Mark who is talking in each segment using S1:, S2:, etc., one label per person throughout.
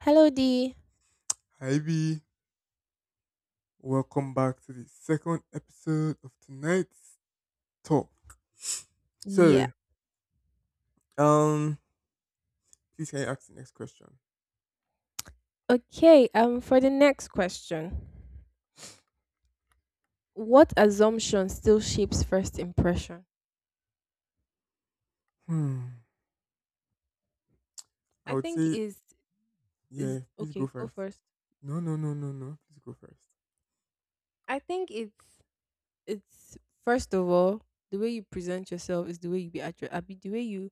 S1: Hello, D.
S2: Hi B, welcome back to the second episode of tonight's talk.
S1: Yeah.
S2: So, um, please can you ask the next question?
S1: Okay. For the next question, what assumption still shapes first impression?
S2: Hmm. I
S1: I
S2: would
S1: think
S2: say, yeah,
S1: is
S2: please go
S1: Okay. Go
S2: first.
S1: first.
S2: No, no, no, no, no. Please go first.
S1: I think it's first of all the way you present yourself is the way you be addressed. I mean, the way you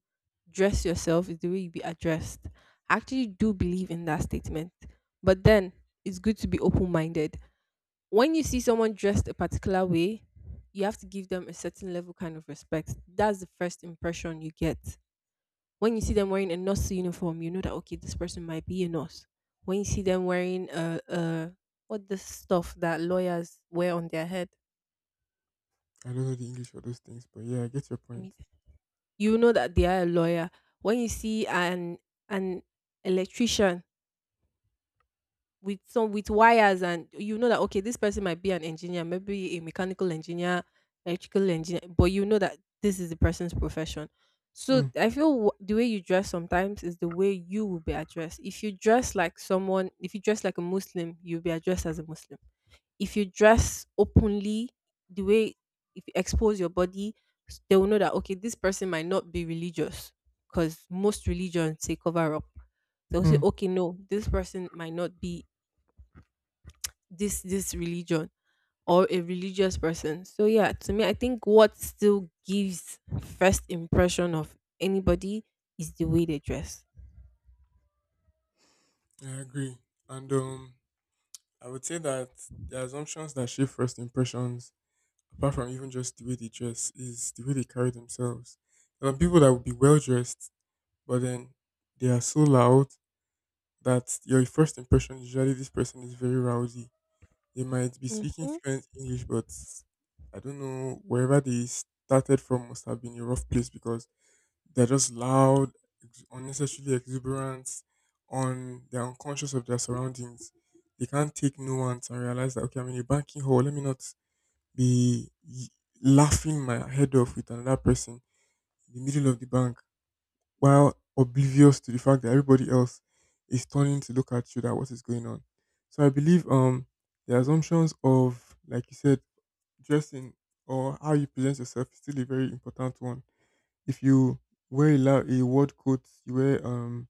S1: dress yourself is the way you be addressed. I actually do believe in that statement, but then it's good to be open minded. When you see someone dressed a particular way, you have to give them a certain level kind of respect. That's the first impression you get. When you see them wearing a nurse uniform, you know that okay, this person might be a nurse. When you see them wearing what the stuff that lawyers wear on their head,
S2: I don't know the English for those things, but yeah, I get your point.
S1: me- you know that they are a lawyer. When you see an electrician with some with wires, and you know that okay, this person might be an engineer, maybe a mechanical engineer, electrical engineer, but you know that this is the person's profession. So
S2: Hmm.
S1: I feel the way you dress sometimes is the way you will be addressed. If you dress like someone, if you dress like a Muslim, you'll be addressed as a Muslim. If you dress openly, the way, if you expose your body, they will know that okay, this person might not be religious because most religions say cover up. They'll say
S2: Hmm.
S1: okay, no, this person might not be this this religion or a religious person. So yeah, to me, I think what still gives first impression of anybody is the way they dress.
S2: I agree. And I would say that the assumptions that shape first impressions, apart from even just the way they dress, is the way they carry themselves. There are people that would be well dressed, but then they are so loud that your first impression is usually this person is very rowdy. They might be speaking
S1: Mm-hmm,
S2: fluent English, but I don't know wherever they started from must have been a rough place because they're just loud, unnecessarily exuberant, on they're unconscious of their surroundings. They can't take nuance and realize that okay, I'm in a banking hall. Let me not be y- laughing my head off with another person in the middle of the bank while oblivious to the fact that everybody else is turning to look at you that what is going on. So I believe the assumptions of like you said dressing or how you present yourself is still a very important one. If you a word coat,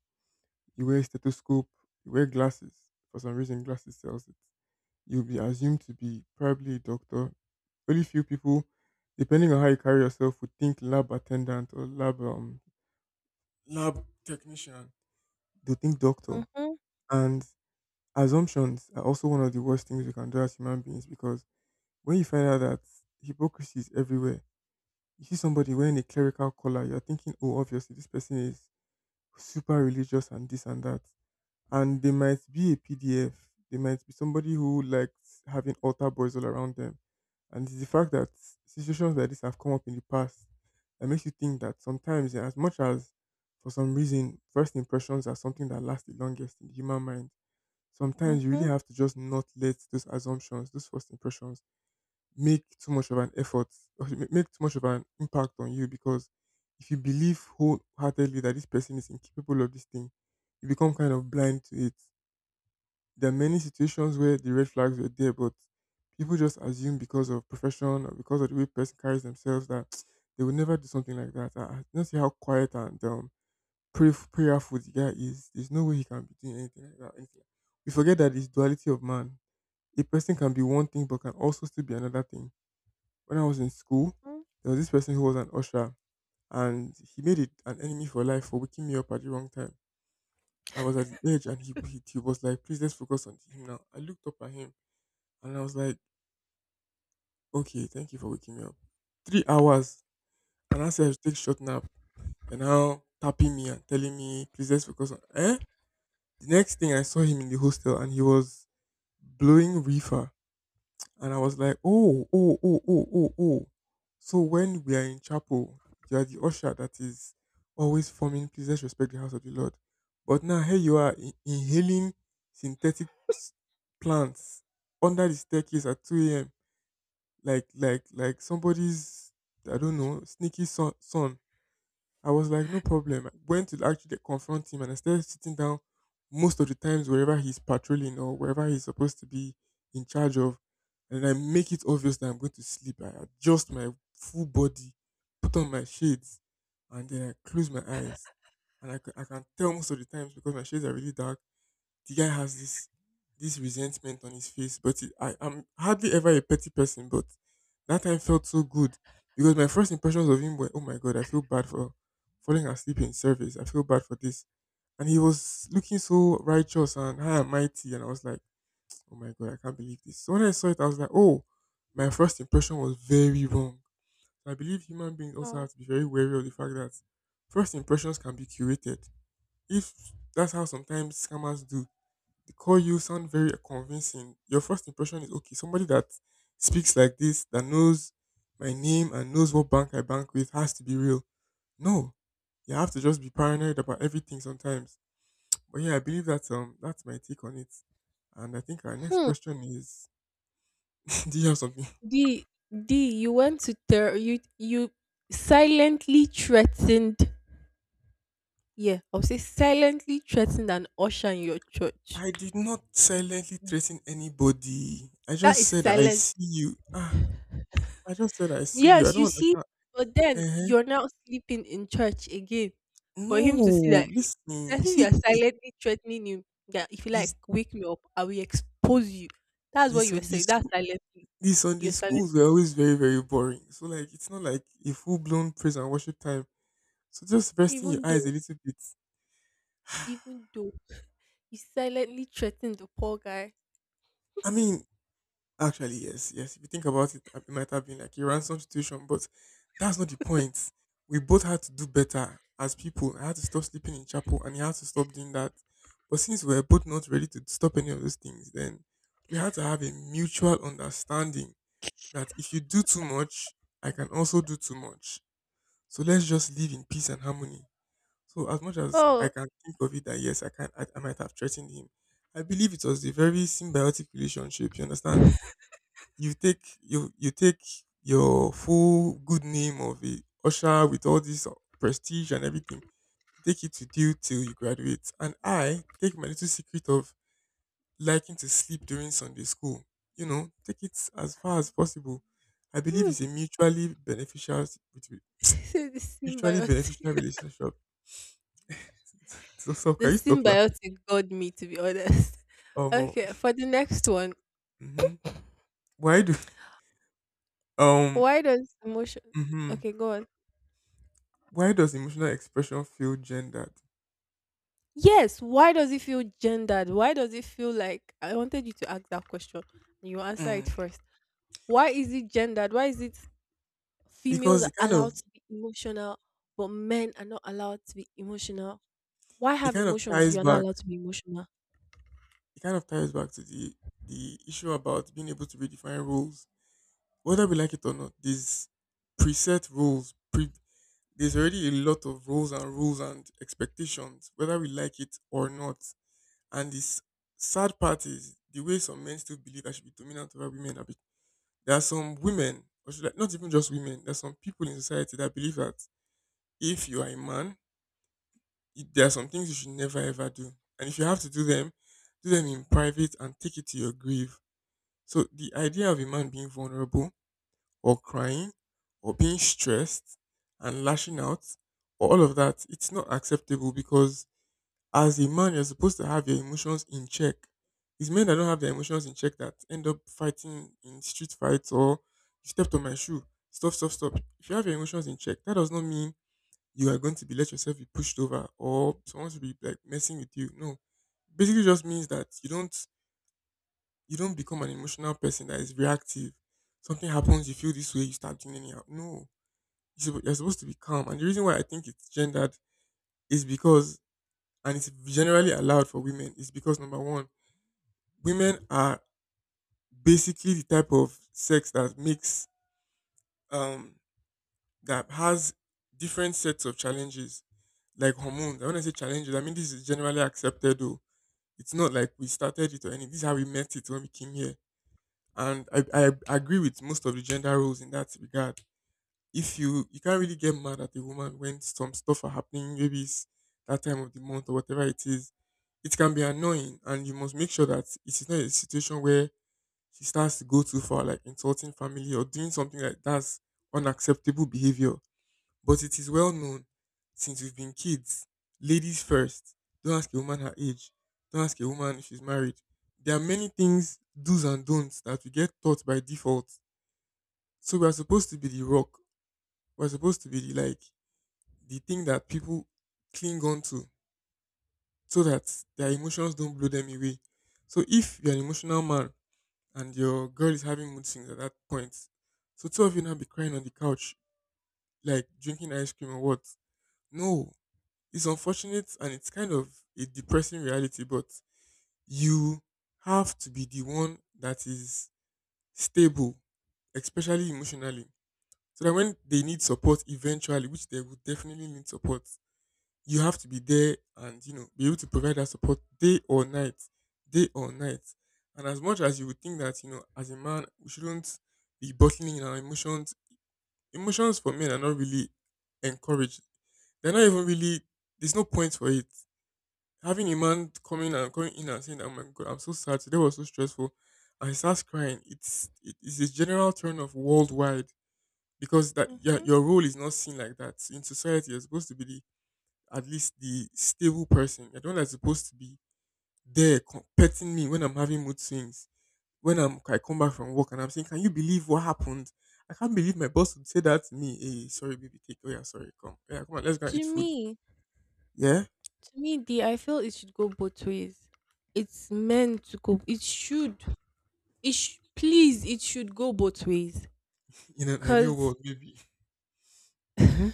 S2: you wear a stethoscope, you wear glasses, for some reason glasses sells it. You'll be assumed to be probably a doctor. Very few people, depending on how you carry yourself, would think lab attendant or lab technician, they think doctor.
S1: mm-hmm,
S2: And assumptions are also one of the worst things we can do as human beings because when you find out that hypocrisy is everywhere, you see somebody wearing a clerical collar, you're thinking, oh, obviously this person is super religious and this and that. And they might be a PDF, they might be somebody who likes having altar boys all around them. And it's the fact that situations like this have come up in the past that makes you think that sometimes, as much as for some reason, first impressions are something that lasts the longest in the human mind, sometimes you really
S1: mm-hmm.
S2: have to just not let those assumptions, those first impressions, make too much of an effort make too much of an impact on you. Because if you believe wholeheartedly that this person is incapable of this thing, you become kind of blind to it. There are many situations where the red flags were there, but people just assume because of profession or because of the way person carries themselves that they will never do something like that. I don't see how quiet and prayerful the guy is. There's no way he can be doing anything like that. Anything. Like, we forget that it's duality of man, a person can be one thing but can also still be another thing. When I was in school,
S1: Mm.
S2: there was this person who was an usher and he made it an enemy for life for waking me up at the wrong time. I was at the edge and he was like, please let's focus on him now. I looked up at him and I was like, okay, thank you for waking me up. 3 hours, and I said I should take short nap. And now tapping me and telling me, please let's focus on eh? The next thing I saw him in the hostel and he was blowing reefer. And I was like, oh, oh, oh, oh, oh, oh. So when we are in chapel, you are the usher that is always forming, please let's respect the house of the Lord. But now here you are inhaling synthetic s- plants under the staircase at 2 a.m. Like somebody's, I don't know, sneaky son. I was like, no problem. I went to actually confront him, and instead of sitting down most of the times wherever he's patrolling or wherever he's supposed to be in charge of, and I make it obvious that I'm going to sleep. I adjust my full body, put on my shades, and then I close my eyes. And I can tell most of the times because my shades are really dark, the guy has this resentment on his face. But I'm hardly ever a petty person, but that time felt so good because my first impressions of him were, oh my god, I feel bad for falling asleep in service. I feel bad for this, and he was looking so righteous and high and mighty, and I was like, oh my god, I can't believe this. So when I saw it, I was like, oh, my first impression was very wrong. So I believe human beings also have
S1: Wow.
S2: to be very wary of the fact that first impressions can be curated. If that's how sometimes scammers do, call you, sound very convincing. Your first impression is okay, somebody that speaks like this, that knows my name and knows what bank I bank with has to be real. No. You have to just be paranoid about everything sometimes. But yeah, I believe that that's my take on it. And I think our next
S1: Hmm.
S2: question is do you have something?
S1: D, D, you went to you silently threatened. Yeah, I'll say silently threatened an usher in your church.
S2: I did not silently threaten anybody. I
S1: That
S2: just
S1: is
S2: said I
S1: silent.
S2: see you. Ah, I just said I see you. I
S1: Yes, you
S2: don't
S1: see,
S2: understand.
S1: but then
S2: Uh huh.
S1: you're now sleeping in church again for him to see that
S2: No,
S1: it's
S2: listen. You
S1: as if you're
S2: see the
S1: silently threatening him that if you
S2: this
S1: like wake me up, I will expose you. That's
S2: the
S1: what you were
S2: Sunday
S1: saying. That's
S2: school,
S1: silently.
S2: these Sunday
S1: You're silent,
S2: schools were always very, very boring. So like it's not like a full blown praise and worship time. So just resting your
S1: even
S2: eyes
S1: though,
S2: a little bit.
S1: even though you silently threatened the poor guy.
S2: I mean, actually, yes, yes. If you think about it, it might have been like a ransom situation, but that's not the point. We both had to do better as people. I had to stop sleeping in chapel and he had to stop doing that. But since we were both not ready to stop any of those things, then we had to have a mutual understanding that if you do too much, I can also do too much. So let's just live in peace and harmony. So as much as I
S1: Oh.
S2: can think of it that yes, I might have threatened him. I believe it was a very symbiotic relationship. You understand? You take your full good name of a usher with all this prestige and everything. Take it with you till you graduate, and I take my little secret of liking to sleep during Sunday school. You know, take it as far as possible. I believe
S1: Mm.
S2: it's a
S1: Say the
S2: mutually
S1: symbiotic.
S2: beneficial relationship.
S1: The
S2: Can you stop laughing?
S1: symbiotic got me, to be honest.
S2: Um,
S1: Okay, for the next one,
S2: hmm why do um,
S1: why does emotion
S2: hmm
S1: okay, go on.
S2: why does emotional expression feel gendered?
S1: Yes, why does it feel gendered? Why does it feel like I wanted you to ask that question and you answer it
S2: Mm.
S1: first. Why is it gendered? Why is it females
S2: Because
S1: are allowed to be emotional but men are not allowed to be emotional? Why
S2: it
S1: have
S2: kind of
S1: emotions if
S2: ties
S1: you're not
S2: back
S1: allowed to be emotional?
S2: it kind of ties back to the issue about being able to redefine rules, whether we like it or not. These preset rules, pre, there's already a lot of rules and rules and expectations, whether we like it or not. And this sad part is the way some men still believe I should be dominant over women. There are some women, or should I, not even just women, there are some people in society that believe that if you are a man, it, there are some things you should never ever do. And if you have to do them in private and take it to your grave. So the idea of a man being vulnerable or crying or being stressed and lashing out or all of that, it's not acceptable because as a man, you're supposed to have your emotions in check. It's men that don't have their emotions in check that end up fighting in street fights or you stepped on my shoe. Stop, stop, stop. If you have your emotions in check, that does not mean you are going to be let yourself be pushed over or someone to be like messing with you. No. Basically just means that you don't become an emotional person that is reactive. Something happens, you feel this way, you start doing anyhow. No. You're supposed to be calm. And the reason why I think it's gendered is because, and it's generally allowed for women is because number one, women are basically the type of sex that makes um that has different sets of challenges like hormones. And when I say challenges, I mean this is generally accepted though. It's not like we started it or anything. This is how we met it when we came here. And I agree with most of the gender roles in that regard. If you can't really get mad at a woman when some stuff are happening, maybe it's that time of the month or whatever it is. It can be annoying and you must make sure that it is not a situation where she starts to go too far, like insulting family or doing something like that's unacceptable behavior. But it is well known since we've been kids, ladies first. Don't ask a woman her age. Don't ask a woman if she's married. There are many things, do's and don'ts, that we get taught by default. So we are supposed to be the rock. We're supposed to be the like the thing that people cling on to so that their emotions don't blow them away. So if you're an emotional man and your girl is having mood swings at that point, so two of you now be crying on the couch, like drinking ice cream or what? No, it's unfortunate and it's kind of a depressing reality, but you have to be the one that is stable, especially emotionally. So that when they need support eventually, which they will definitely need support, you have to be there and be able to provide that support day or night, day or night. And as much as you would think that as a man, we shouldn't be bottling in our emotions. Emotions for men are not really encouraged. They're not even really. There's no point for it. Having a man coming and coming in and saying, "Oh my god, I'm so sad. Today was so stressful," and he starts crying. It is a general turn off worldwide because that yeah,
S1: Hmm.
S2: your role is not seen like that in society. You're supposed to be the at least the stable person. You're the one that's supposed to be there petting me when I'm having mood swings. When I'm I come back from work and I'm saying, "Can you believe what happened? I can't believe my boss would say that to me." "Hey, sorry, baby, take oh yeah, sorry, come. Oh yeah, come on, let's go and eat
S1: To
S2: food."
S1: me,
S2: Yeah?
S1: to me, D, I feel it should go both ways. It's meant to go. It should. Please, it should go both ways.
S2: In an ideal
S1: Cause
S2: world, maybe. Mm-hmm.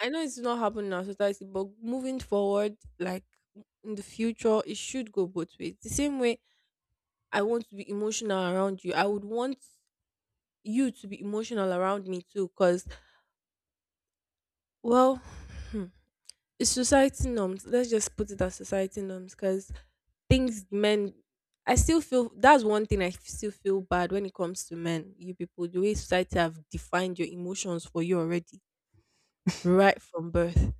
S1: I know it's not happening now, so that's it, but moving forward, like in the future, it should go both ways. The same way I want to be emotional around you, I would want you to be emotional around me too, because, well, hmm, it's society norms. Let's just put it as society norms, because things men, I still feel that's one thing still feel bad when it comes to men, you people, the way society have defined your emotions for you already, right from birth,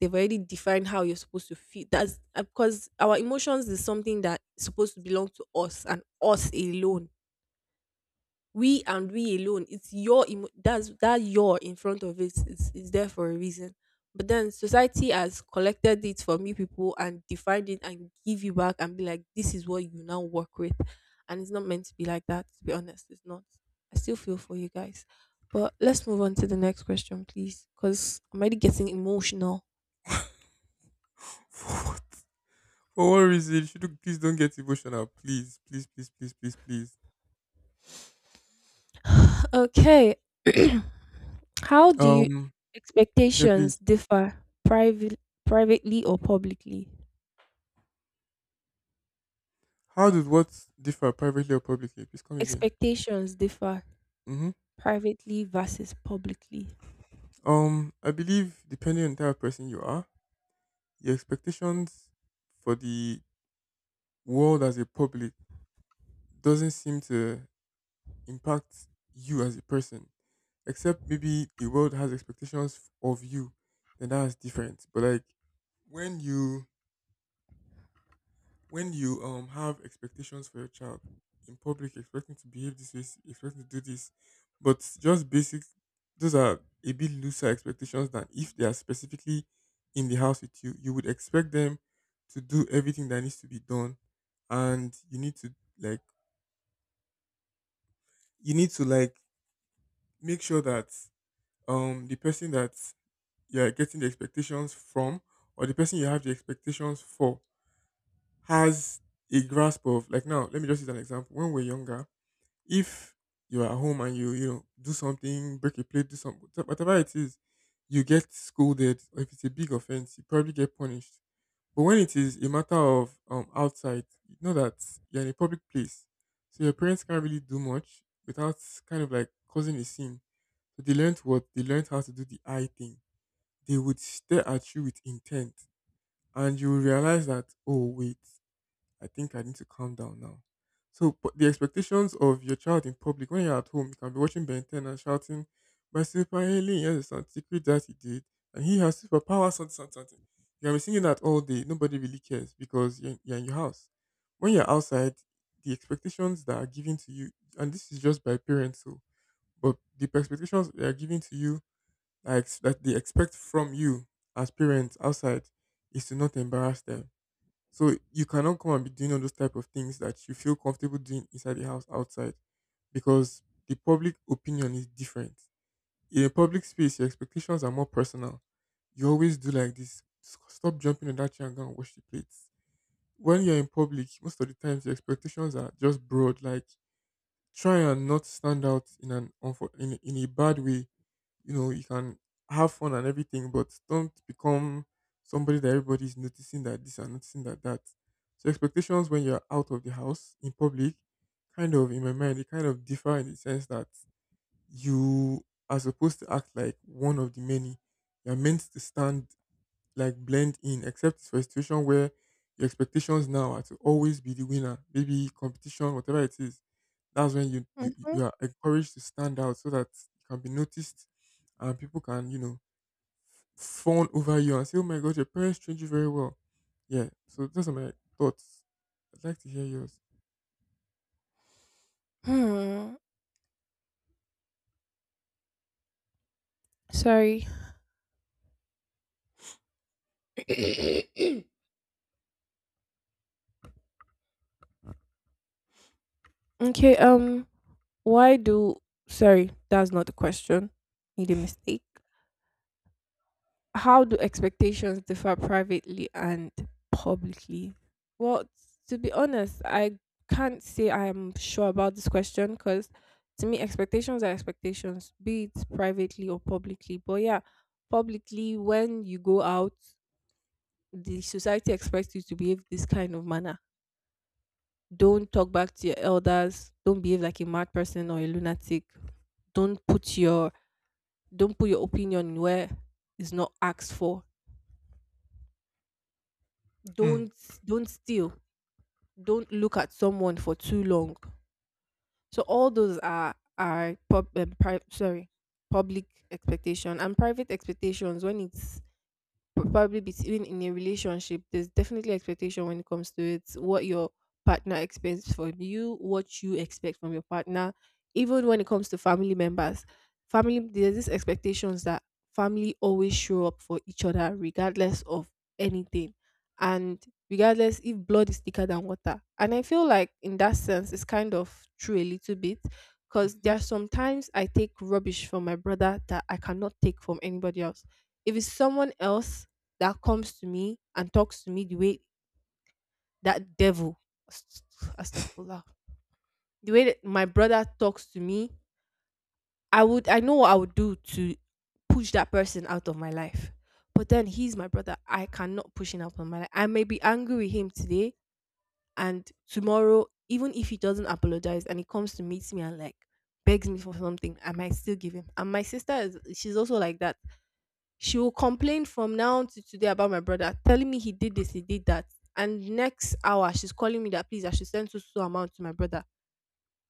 S1: they've already defined how you're supposed to feel. That's Because our emotions is something that is supposed to belong to us and us alone. We and we alone. It's your that's that your in front of it is there for a reason. But then society has collected it from you people and defined it and give you back and be like, this is what you now work with. And it's not meant to be like that, to be honest. It's not. I still feel for you guys. But let's move on to the next question, please. Because I'm already getting emotional.
S2: For what for what reason? Should you please don't get emotional. Please, please, please, please, please, please.
S1: Okay. How do you
S2: Um yeah, please.
S1: expectations differ private, privately or publicly?
S2: How does what differ privately or publicly? Please come again.
S1: Expectations differ
S2: Mm-hmm.
S1: privately versus publicly.
S2: I believe depending on the type of person you are, your expectations for the world as a public doesn't seem to impact you as a person, except maybe the world has expectations of you, then that's different. But like when you when you have expectations for your child in public, expecting to behave this way, expecting to do this, but just basic, those are a bit looser expectations than if they are specifically in the house with you. You would expect them to do everything that needs to be done, and you need to like make sure that the person that you're getting the expectations from or the person you have the expectations for has a grasp of like. Now let me just use an example. When we're younger, if you are at home and you know do something, break a plate, do something, whatever it is, you get scolded. Or if it's a big offense, you probably get punished. But when it is a matter of outside, you know that you're in a public place, so your parents can't really do much without kind of like causing a scene. So they learned what they learned how to do the eye thing. They would stare at you with intent, and you will realize that oh wait, I think I need to calm down now. So, but the expectations of your child in public, when you're at home, you can be watching Ben 10 and shouting, "My super alien, yes, and secret that he did, and he has superpowers, something, something, something." You can be singing that all day. Nobody really cares because you're in your house. When you're outside, the expectations that are given to you, and this is just by parents, so, but the expectations they are given to you, like that they expect from you as parents outside, is to not embarrass them, so you cannot come and be doing all those type of things that you feel comfortable doing inside the house outside, because the public opinion is different. In a public space, your expectations are more personal. You always do like this. Stop jumping on that chair and go and wash the plates. When you're in public, most of the times the expectations are just broad. Like try and not stand out in an in a bad way. You know, you can have fun and everything, but don't become somebody that everybody's noticing that this and noticing that that. So expectations when you're out of the house in public, kind of in my mind, they kind of differ in the sense that you are supposed to act like one of the many. You're meant to stand like blend in, except it's for a situation where your expectations now are to always be the winner. Maybe competition, whatever it is. That's when
S1: Mm-hmm.
S2: you are encouraged to stand out so that you can be noticed and people can, fawn over you and say, "Oh my god, your parents trained you very well." Yeah. So those are my thoughts. I'd like to hear yours.
S1: Hmm. Sorry. Okay. Um. Why do? Sorry, that's not the question. Made a mistake. How do expectations differ privately and publicly? Well, to be honest, I can't say I'm sure about this question because to me, expectations are expectations, be it privately or publicly. But yeah, publicly, when you go out, the society expects you to behave this kind of manner. Don't talk back to your elders. Don't behave like a mad person or a lunatic. Don't put your don't put your opinion where it's not asked for.
S2: Hmm.
S1: Don't don't steal, don't look at someone for too long. So all those are sorry, public expectation. And private expectations, when it's probably between, in a relationship there's definitely expectation when it comes to it, what your partner expects from you, what you expect from your partner. Even when it comes to family members, family, there's these expectations that family always show up for each other regardless of anything, and regardless. If blood is thicker than water, and I feel like in that sense it's kind of true a little bit, because there
S2: hmm
S1: are sometimes I take rubbish from my brother that I cannot take from anybody else. If it's someone else that comes to me and talks to me the way that devil, ast- astagfirullah, the way that my brother talks to me, I know what I would do to push that person out of my life. But then he's my brother, I cannot push him out of my life. I may be angry with him today, and tomorrow, even if he doesn't apologize and he comes to meet me and like begs me for something, I might still give him. And my sister is, she's also like that. She will complain from now to today about my brother, telling me he did this, he did that. And next hour, she's calling me that please, I should send so so amount to my brother.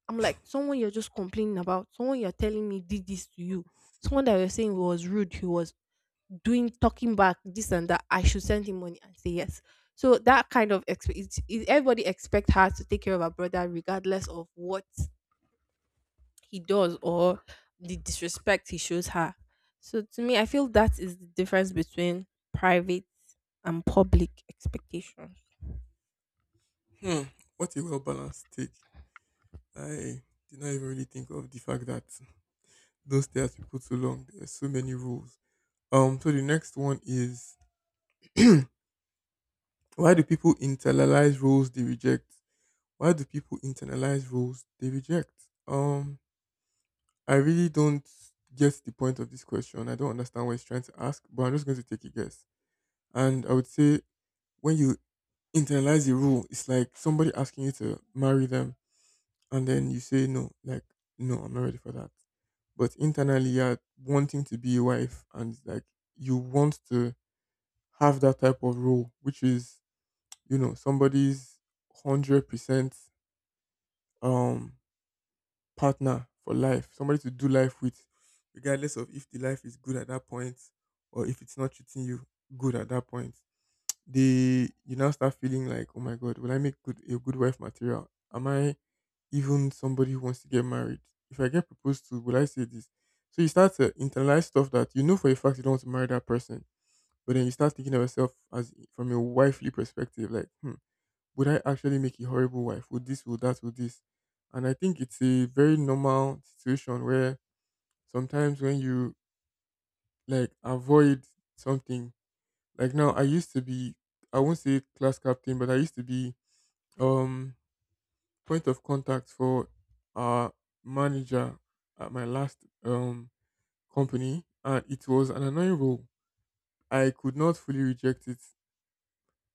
S1: I'm like, someone you're just complaining about, someone you're telling me did this to you, someone that you're saying was rude, he was doing, talking back this and that. I should send him money and say yes. So that kind of expect everybody expect her to take care of her brother regardless of what he does or the disrespect he shows her. So to me, I feel that is the difference between private and public expectations.
S2: Hmm. What a well balanced take. I did not even really think of the fact that those not stay at people too long. There are so many rules. So the next one is why do people internalize roles they reject? Why do people internalize roles they reject? Um, I really don't get the point of this question. I don't understand what it's trying to ask, but I'm just going to take a guess. And I would say when you internalize a rule, it's like somebody asking you to marry them, and then you say no, like no, I'm not ready for that. But internally, you're wanting to be a wife, and like you want to have that type of role, which is, you know, somebody's 100% um, partner for life, somebody to do life with, regardless of if the life is good at that point or if it's not treating you good at that point. They, you now start feeling like, oh my God, will I make good a good wife material? Am I even somebody who wants to get married? If I get proposed to, will I say this? So you start to internalize stuff that you know for a fact you don't want to marry that person, but then you start thinking of yourself as from a wifely perspective, like, hmm, would I actually make a horrible wife? Would this, would that, would this? And I think it's a very normal situation where sometimes when you like avoid something, like now I used to be, I won't say class captain, but I used to be um point of contact for our manager at my last company, and it was an annoying role. I could not fully reject it,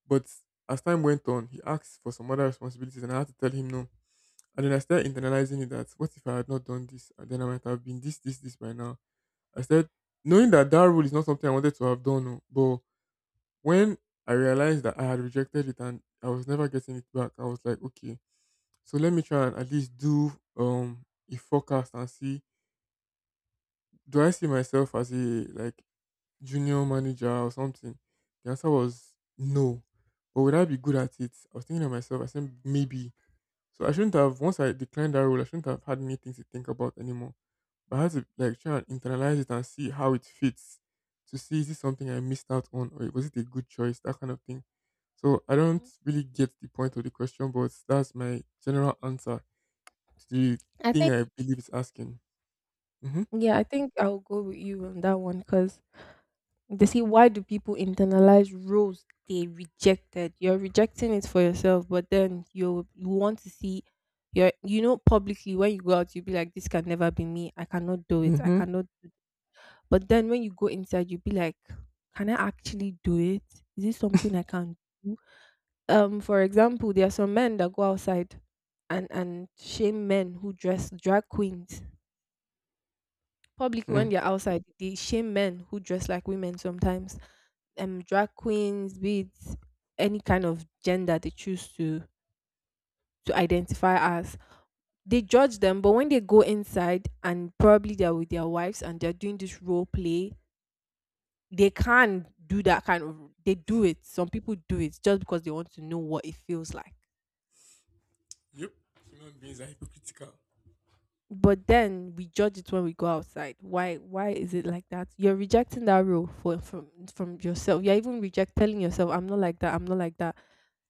S2: but as time went on, he asked for some other responsibilities, and I had to tell him no. And then I started internalizing it that what if I had not done this? And then I might have been this, this, this by now. I said, knowing that that rule is not something I wanted to have done. Oh, But when I realized that I had rejected it and I was never getting it back, I was like, okay, so let me try and at least do um a forecast and see do I see myself as a like junior manager or something? The answer was no. But would I be good at it? I was thinking to myself, I said maybe. So I shouldn't have once I declined that role, I shouldn't have had many things to think about anymore. But I had to like try and internalize it and see how it fits to see is this something I missed out on or was it a good choice, that kind of thing. So I don't
S1: Mhm.
S2: really get the point of the question, but that's my general answer to the
S1: I
S2: thing
S1: think,
S2: I believe it's asking. Mm-hmm.
S1: yeah, I think I'll go with you on that one because they see why do people internalize roles they rejected? You're rejecting it for yourself, but then you want to see your, you know, publicly when you go out you'll be like this can never be me. I cannot do it. I
S2: Mm-hmm.
S1: cannot. But then when you go inside you'll be like, can I actually do it? Is this something I can do? For example, there are some men that go outside and shame men who dress drag queens. Public, when
S2: Mm.
S1: they're outside, they shame men who dress like women sometimes. Drag queens, be it any kind of gender they choose to identify as, they judge them. But when they go inside and probably they're with their wives and they're doing this role play, they can do that kind of. They do it. Some people do it just because they want to know what it feels like.
S2: Yep. Human beings are hypocritical.
S1: But then we judge it when we go outside. Why is it like that? You're rejecting that role for from yourself. You're even reject telling yourself I'm not like that,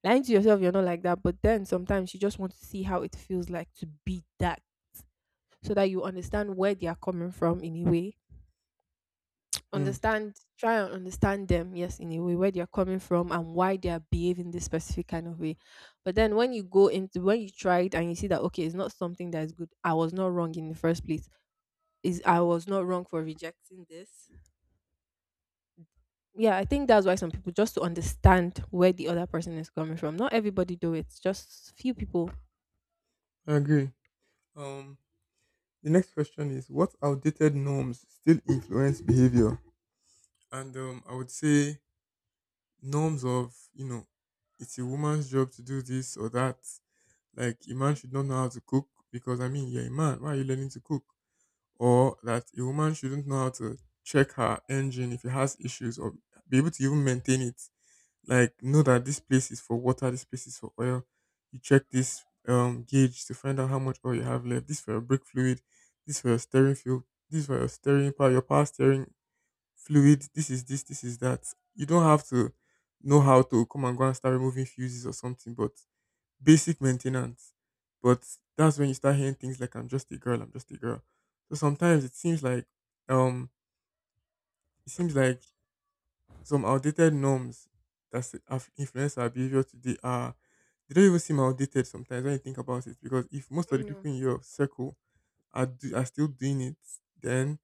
S1: lying to yourself you're not like that. But then sometimes you just want to see how it feels like to be that, so that you understand where they are coming from, in a way
S2: Hmm.
S1: understand, try and understand them, yes, in a way where they are coming from and why they are behaving this specific kind of way. But then when you go into, when you try it and you see that okay, it's not something that is good, I was not wrong in the first place. Is I was not wrong for rejecting this. Yeah, I think that's why some people just to understand where the other person is coming from. Not everybody do it, just few people.
S2: I agree. Um, the next question is what outdated norms still influence behavior? And I would say norms of, you know, it's a woman's job to do this or that. Like a man should not
S1: Mhm,
S2: know how to cook because I mean you're a man, why are you learning to cook? Or that a woman shouldn't know how to check her engine if it has issues or be able to even maintain it. Like know that this
S1: mhm.
S2: place is for water, this place is for oil. You check this gauge to find out how much oil you have left. This for your brake fluid, this for your steering fuel, this for your steering power, your power steering fluid, this is this, this is that. You don't have to know how to come and go and start removing fuses or something, but basic maintenance. But that's when you start hearing things like "I'm just a girl, I'm just a girl." So sometimes it seems like um it seems like some outdated norms that have influenced our behavior today are they don't even seem outdated sometimes when you think about it. Because if most of the
S1: No.
S2: people in your circle are still doing it, then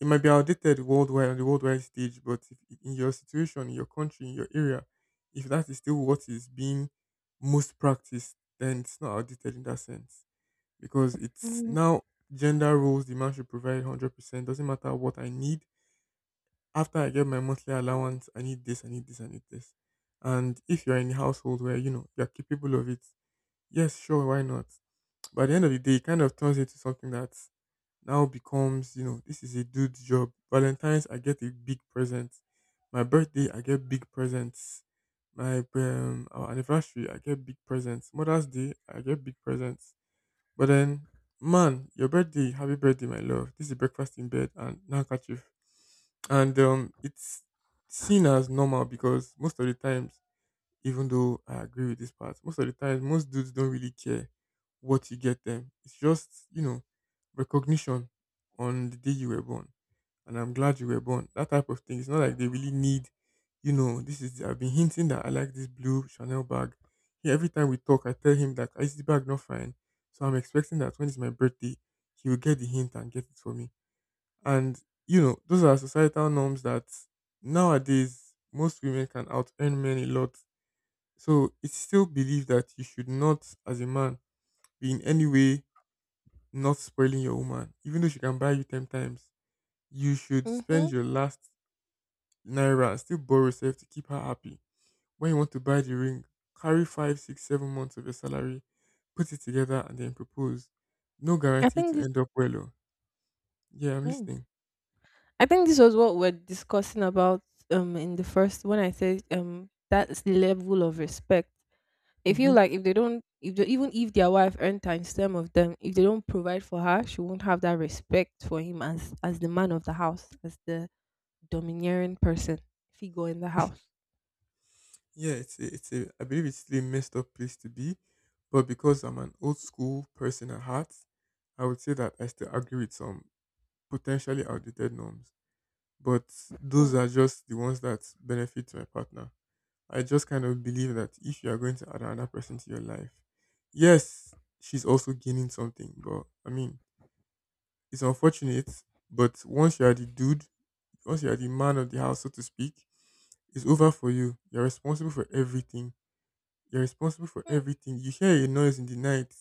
S2: it might be outdated worldwide on the worldwide stage. But if, in your situation, in your country, in your area, if that is still what is being most practiced, then it's not outdated in that sense because it's now gender roles, the man should provide 100% doesn't matter what I need. After I get my monthly allowance, I need this, I need this, I need this. And if you're in a household where, you're capable of it, yes, sure, why not? But at the end of the day, it kind of turns into something that now becomes, this is a dude's job. Valentine's, I get a big present. My birthday, I get big presents. My our anniversary, I get big presents. Mother's Day, I get big presents. But then, man, your birthday, happy birthday, my love. This is breakfast in bed and now catch you, and it's seen as normal because most of the times, even though I agree with this part, most of the times most dudes don't really care what you get them. It's just recognition on the day you were born, and I'm glad you were born. That type of thing. It's not like they really need. This is, I've been hinting that I like this blue Chanel bag. He, every time we talk, I tell him that, "Ah, is the bag not fine, so I'm expecting that when it's my birthday, he will get the hint and get it for me." And those are societal norms. That nowadays most women can out earn men a lot. So it's still believed that you should not, as a man, be in any way not spoiling your woman, even though she can buy you 10 times. You should spend
S1: Mm-hmm.
S2: your last naira and still borrow yourself to keep her happy. When you want to buy the ring, carry 5, 6, 7 months of your salary, put it together, and then propose. No
S1: I
S2: guarantee
S1: think
S2: to
S1: this.
S2: end up well. Oh. Yeah, I'm
S1: Mm.
S2: listening.
S1: I think this was what we're discussing about in the first when I said that's the level of respect. If you
S2: Hmm.
S1: like if they don't if they, even if their wife earned times ten of them, if they don't provide for her, she won't have that respect for him as the man of the house, as the domineering person figure in the house.
S2: Yeah, I believe it's still a messed up place to be, but because I'm an old school person at heart, I would say that I still agree with some potentially outdated norms, but
S1: Hmm.
S2: those are just the ones that benefit my partner. I just kind of believe that if you are going to add another person to your life, yes, she's also gaining something, but I mean, it's unfortunate, but once you are the dude, once you are the man of the house, so to speak, it's over for you. You're responsible for everything. You're responsible for
S1: Hmm.
S2: everything. You hear a noise in the night,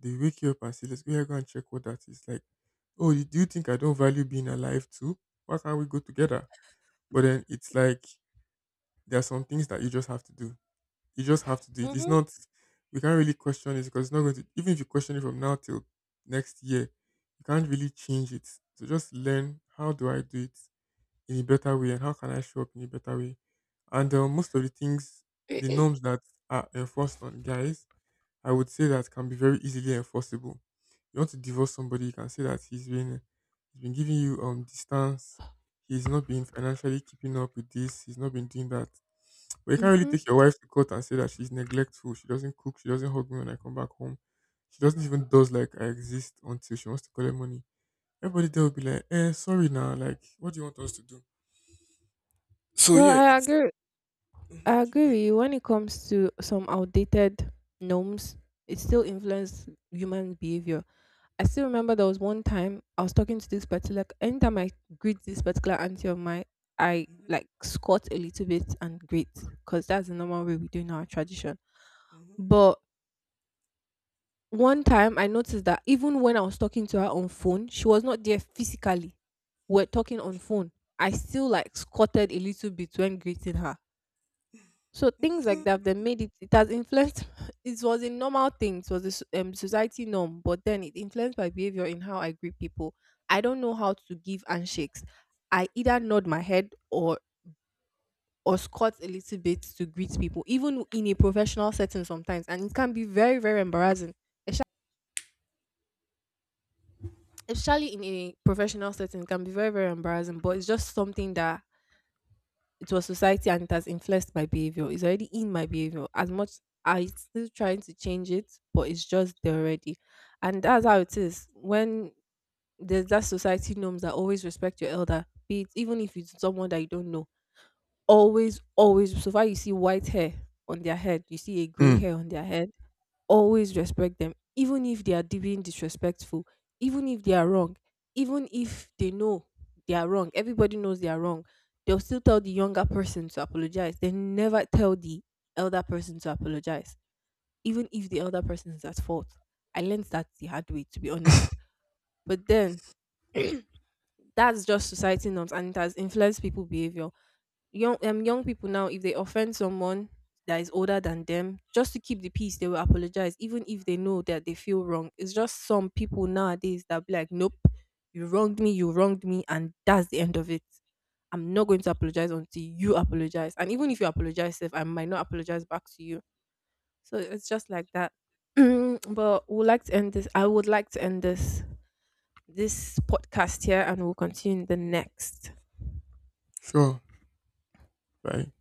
S2: they wake you up and say, "Let's go here, go and check what that is." Like, oh, do you think I don't value being alive too? Why can't we go together? But then it's like there are some things that you just have to do. You just have to do it. It's
S1: Mm-hmm.
S2: not, we can't really question it, because it's not going to, even if you question it from now till next year, you can't really change it. So just learn, how do I do it in a better way and how can I show up in a better way. And most of the things, the norms that are enforced on guys, I would say that can be very easily enforceable. You want to divorce somebody, you can say that he's been giving you distance, he's not been financially keeping up with this, he's not been doing that. But you can't really
S1: Mm-hmm.
S2: take your wife to court and say that she's neglectful, she doesn't cook, she doesn't hug me when I come back home. She doesn't even does like I exist until she wants to collect money. Everybody there will be like, eh, sorry now, like what do you want us to do? So
S1: Well,
S2: yeah,
S1: I
S2: it's.
S1: agree,
S2: Mhm,
S1: I
S2: keep
S1: agree
S2: going.
S1: with you. When it comes to some outdated norms, it still influences human behavior. I still remember there was one time I was talking to this particular. Anytime I greet this particular auntie of mine, I
S2: Hmm.
S1: like squat a little bit and greet, because that's the normal way we do in our tradition.
S2: Hmm.
S1: But one time I noticed that even when I was talking to her on phone, she was not there physically. We're talking on phone. I still like squatted a little bit when greeting her. So things like that then made it, it has influenced, it was a normal thing, it was a society norm, but then it influenced my behavior in how I greet people. I don't know how to give handshakes. I either nod my head or squat a little bit to greet people, even in a professional setting sometimes, and it can be very, very embarrassing. Esha- Especially in a professional setting, it can be very, very embarrassing, but it's just something that it was society and it has influenced my behavior. It's already in my behavior. As much I still trying to change it, but it's just there already. And that's how it is. When there's that society norms that always respect your elder, be it even if it's someone that you don't know. Always, always so far you see white hair on their head, you see a grey
S2: Mm,
S1: hair on their head, always respect them, even if they are being disrespectful, even if they are wrong, even if they know they are wrong. Everybody knows they are wrong. They'll still tell the younger person to apologize. They never tell the elder person to apologize, even if the elder person is at fault. I learned that the hard way, to be honest. But then that's just society norms and it has influenced people behavior. Young, young people now, if they offend someone that is older than them, just to keep the peace they will apologize, even if they know that they feel wrong. It's just some people nowadays that be like nope, you wronged me, you wronged me, and that's the end of it. I'm not going to apologize until you apologize. And even if you apologize, if I might not apologize back to you. So it's just like that. But we'd like to end this, I would like to end this, this podcast here, and we'll continue in the next.
S2: sure. Bye.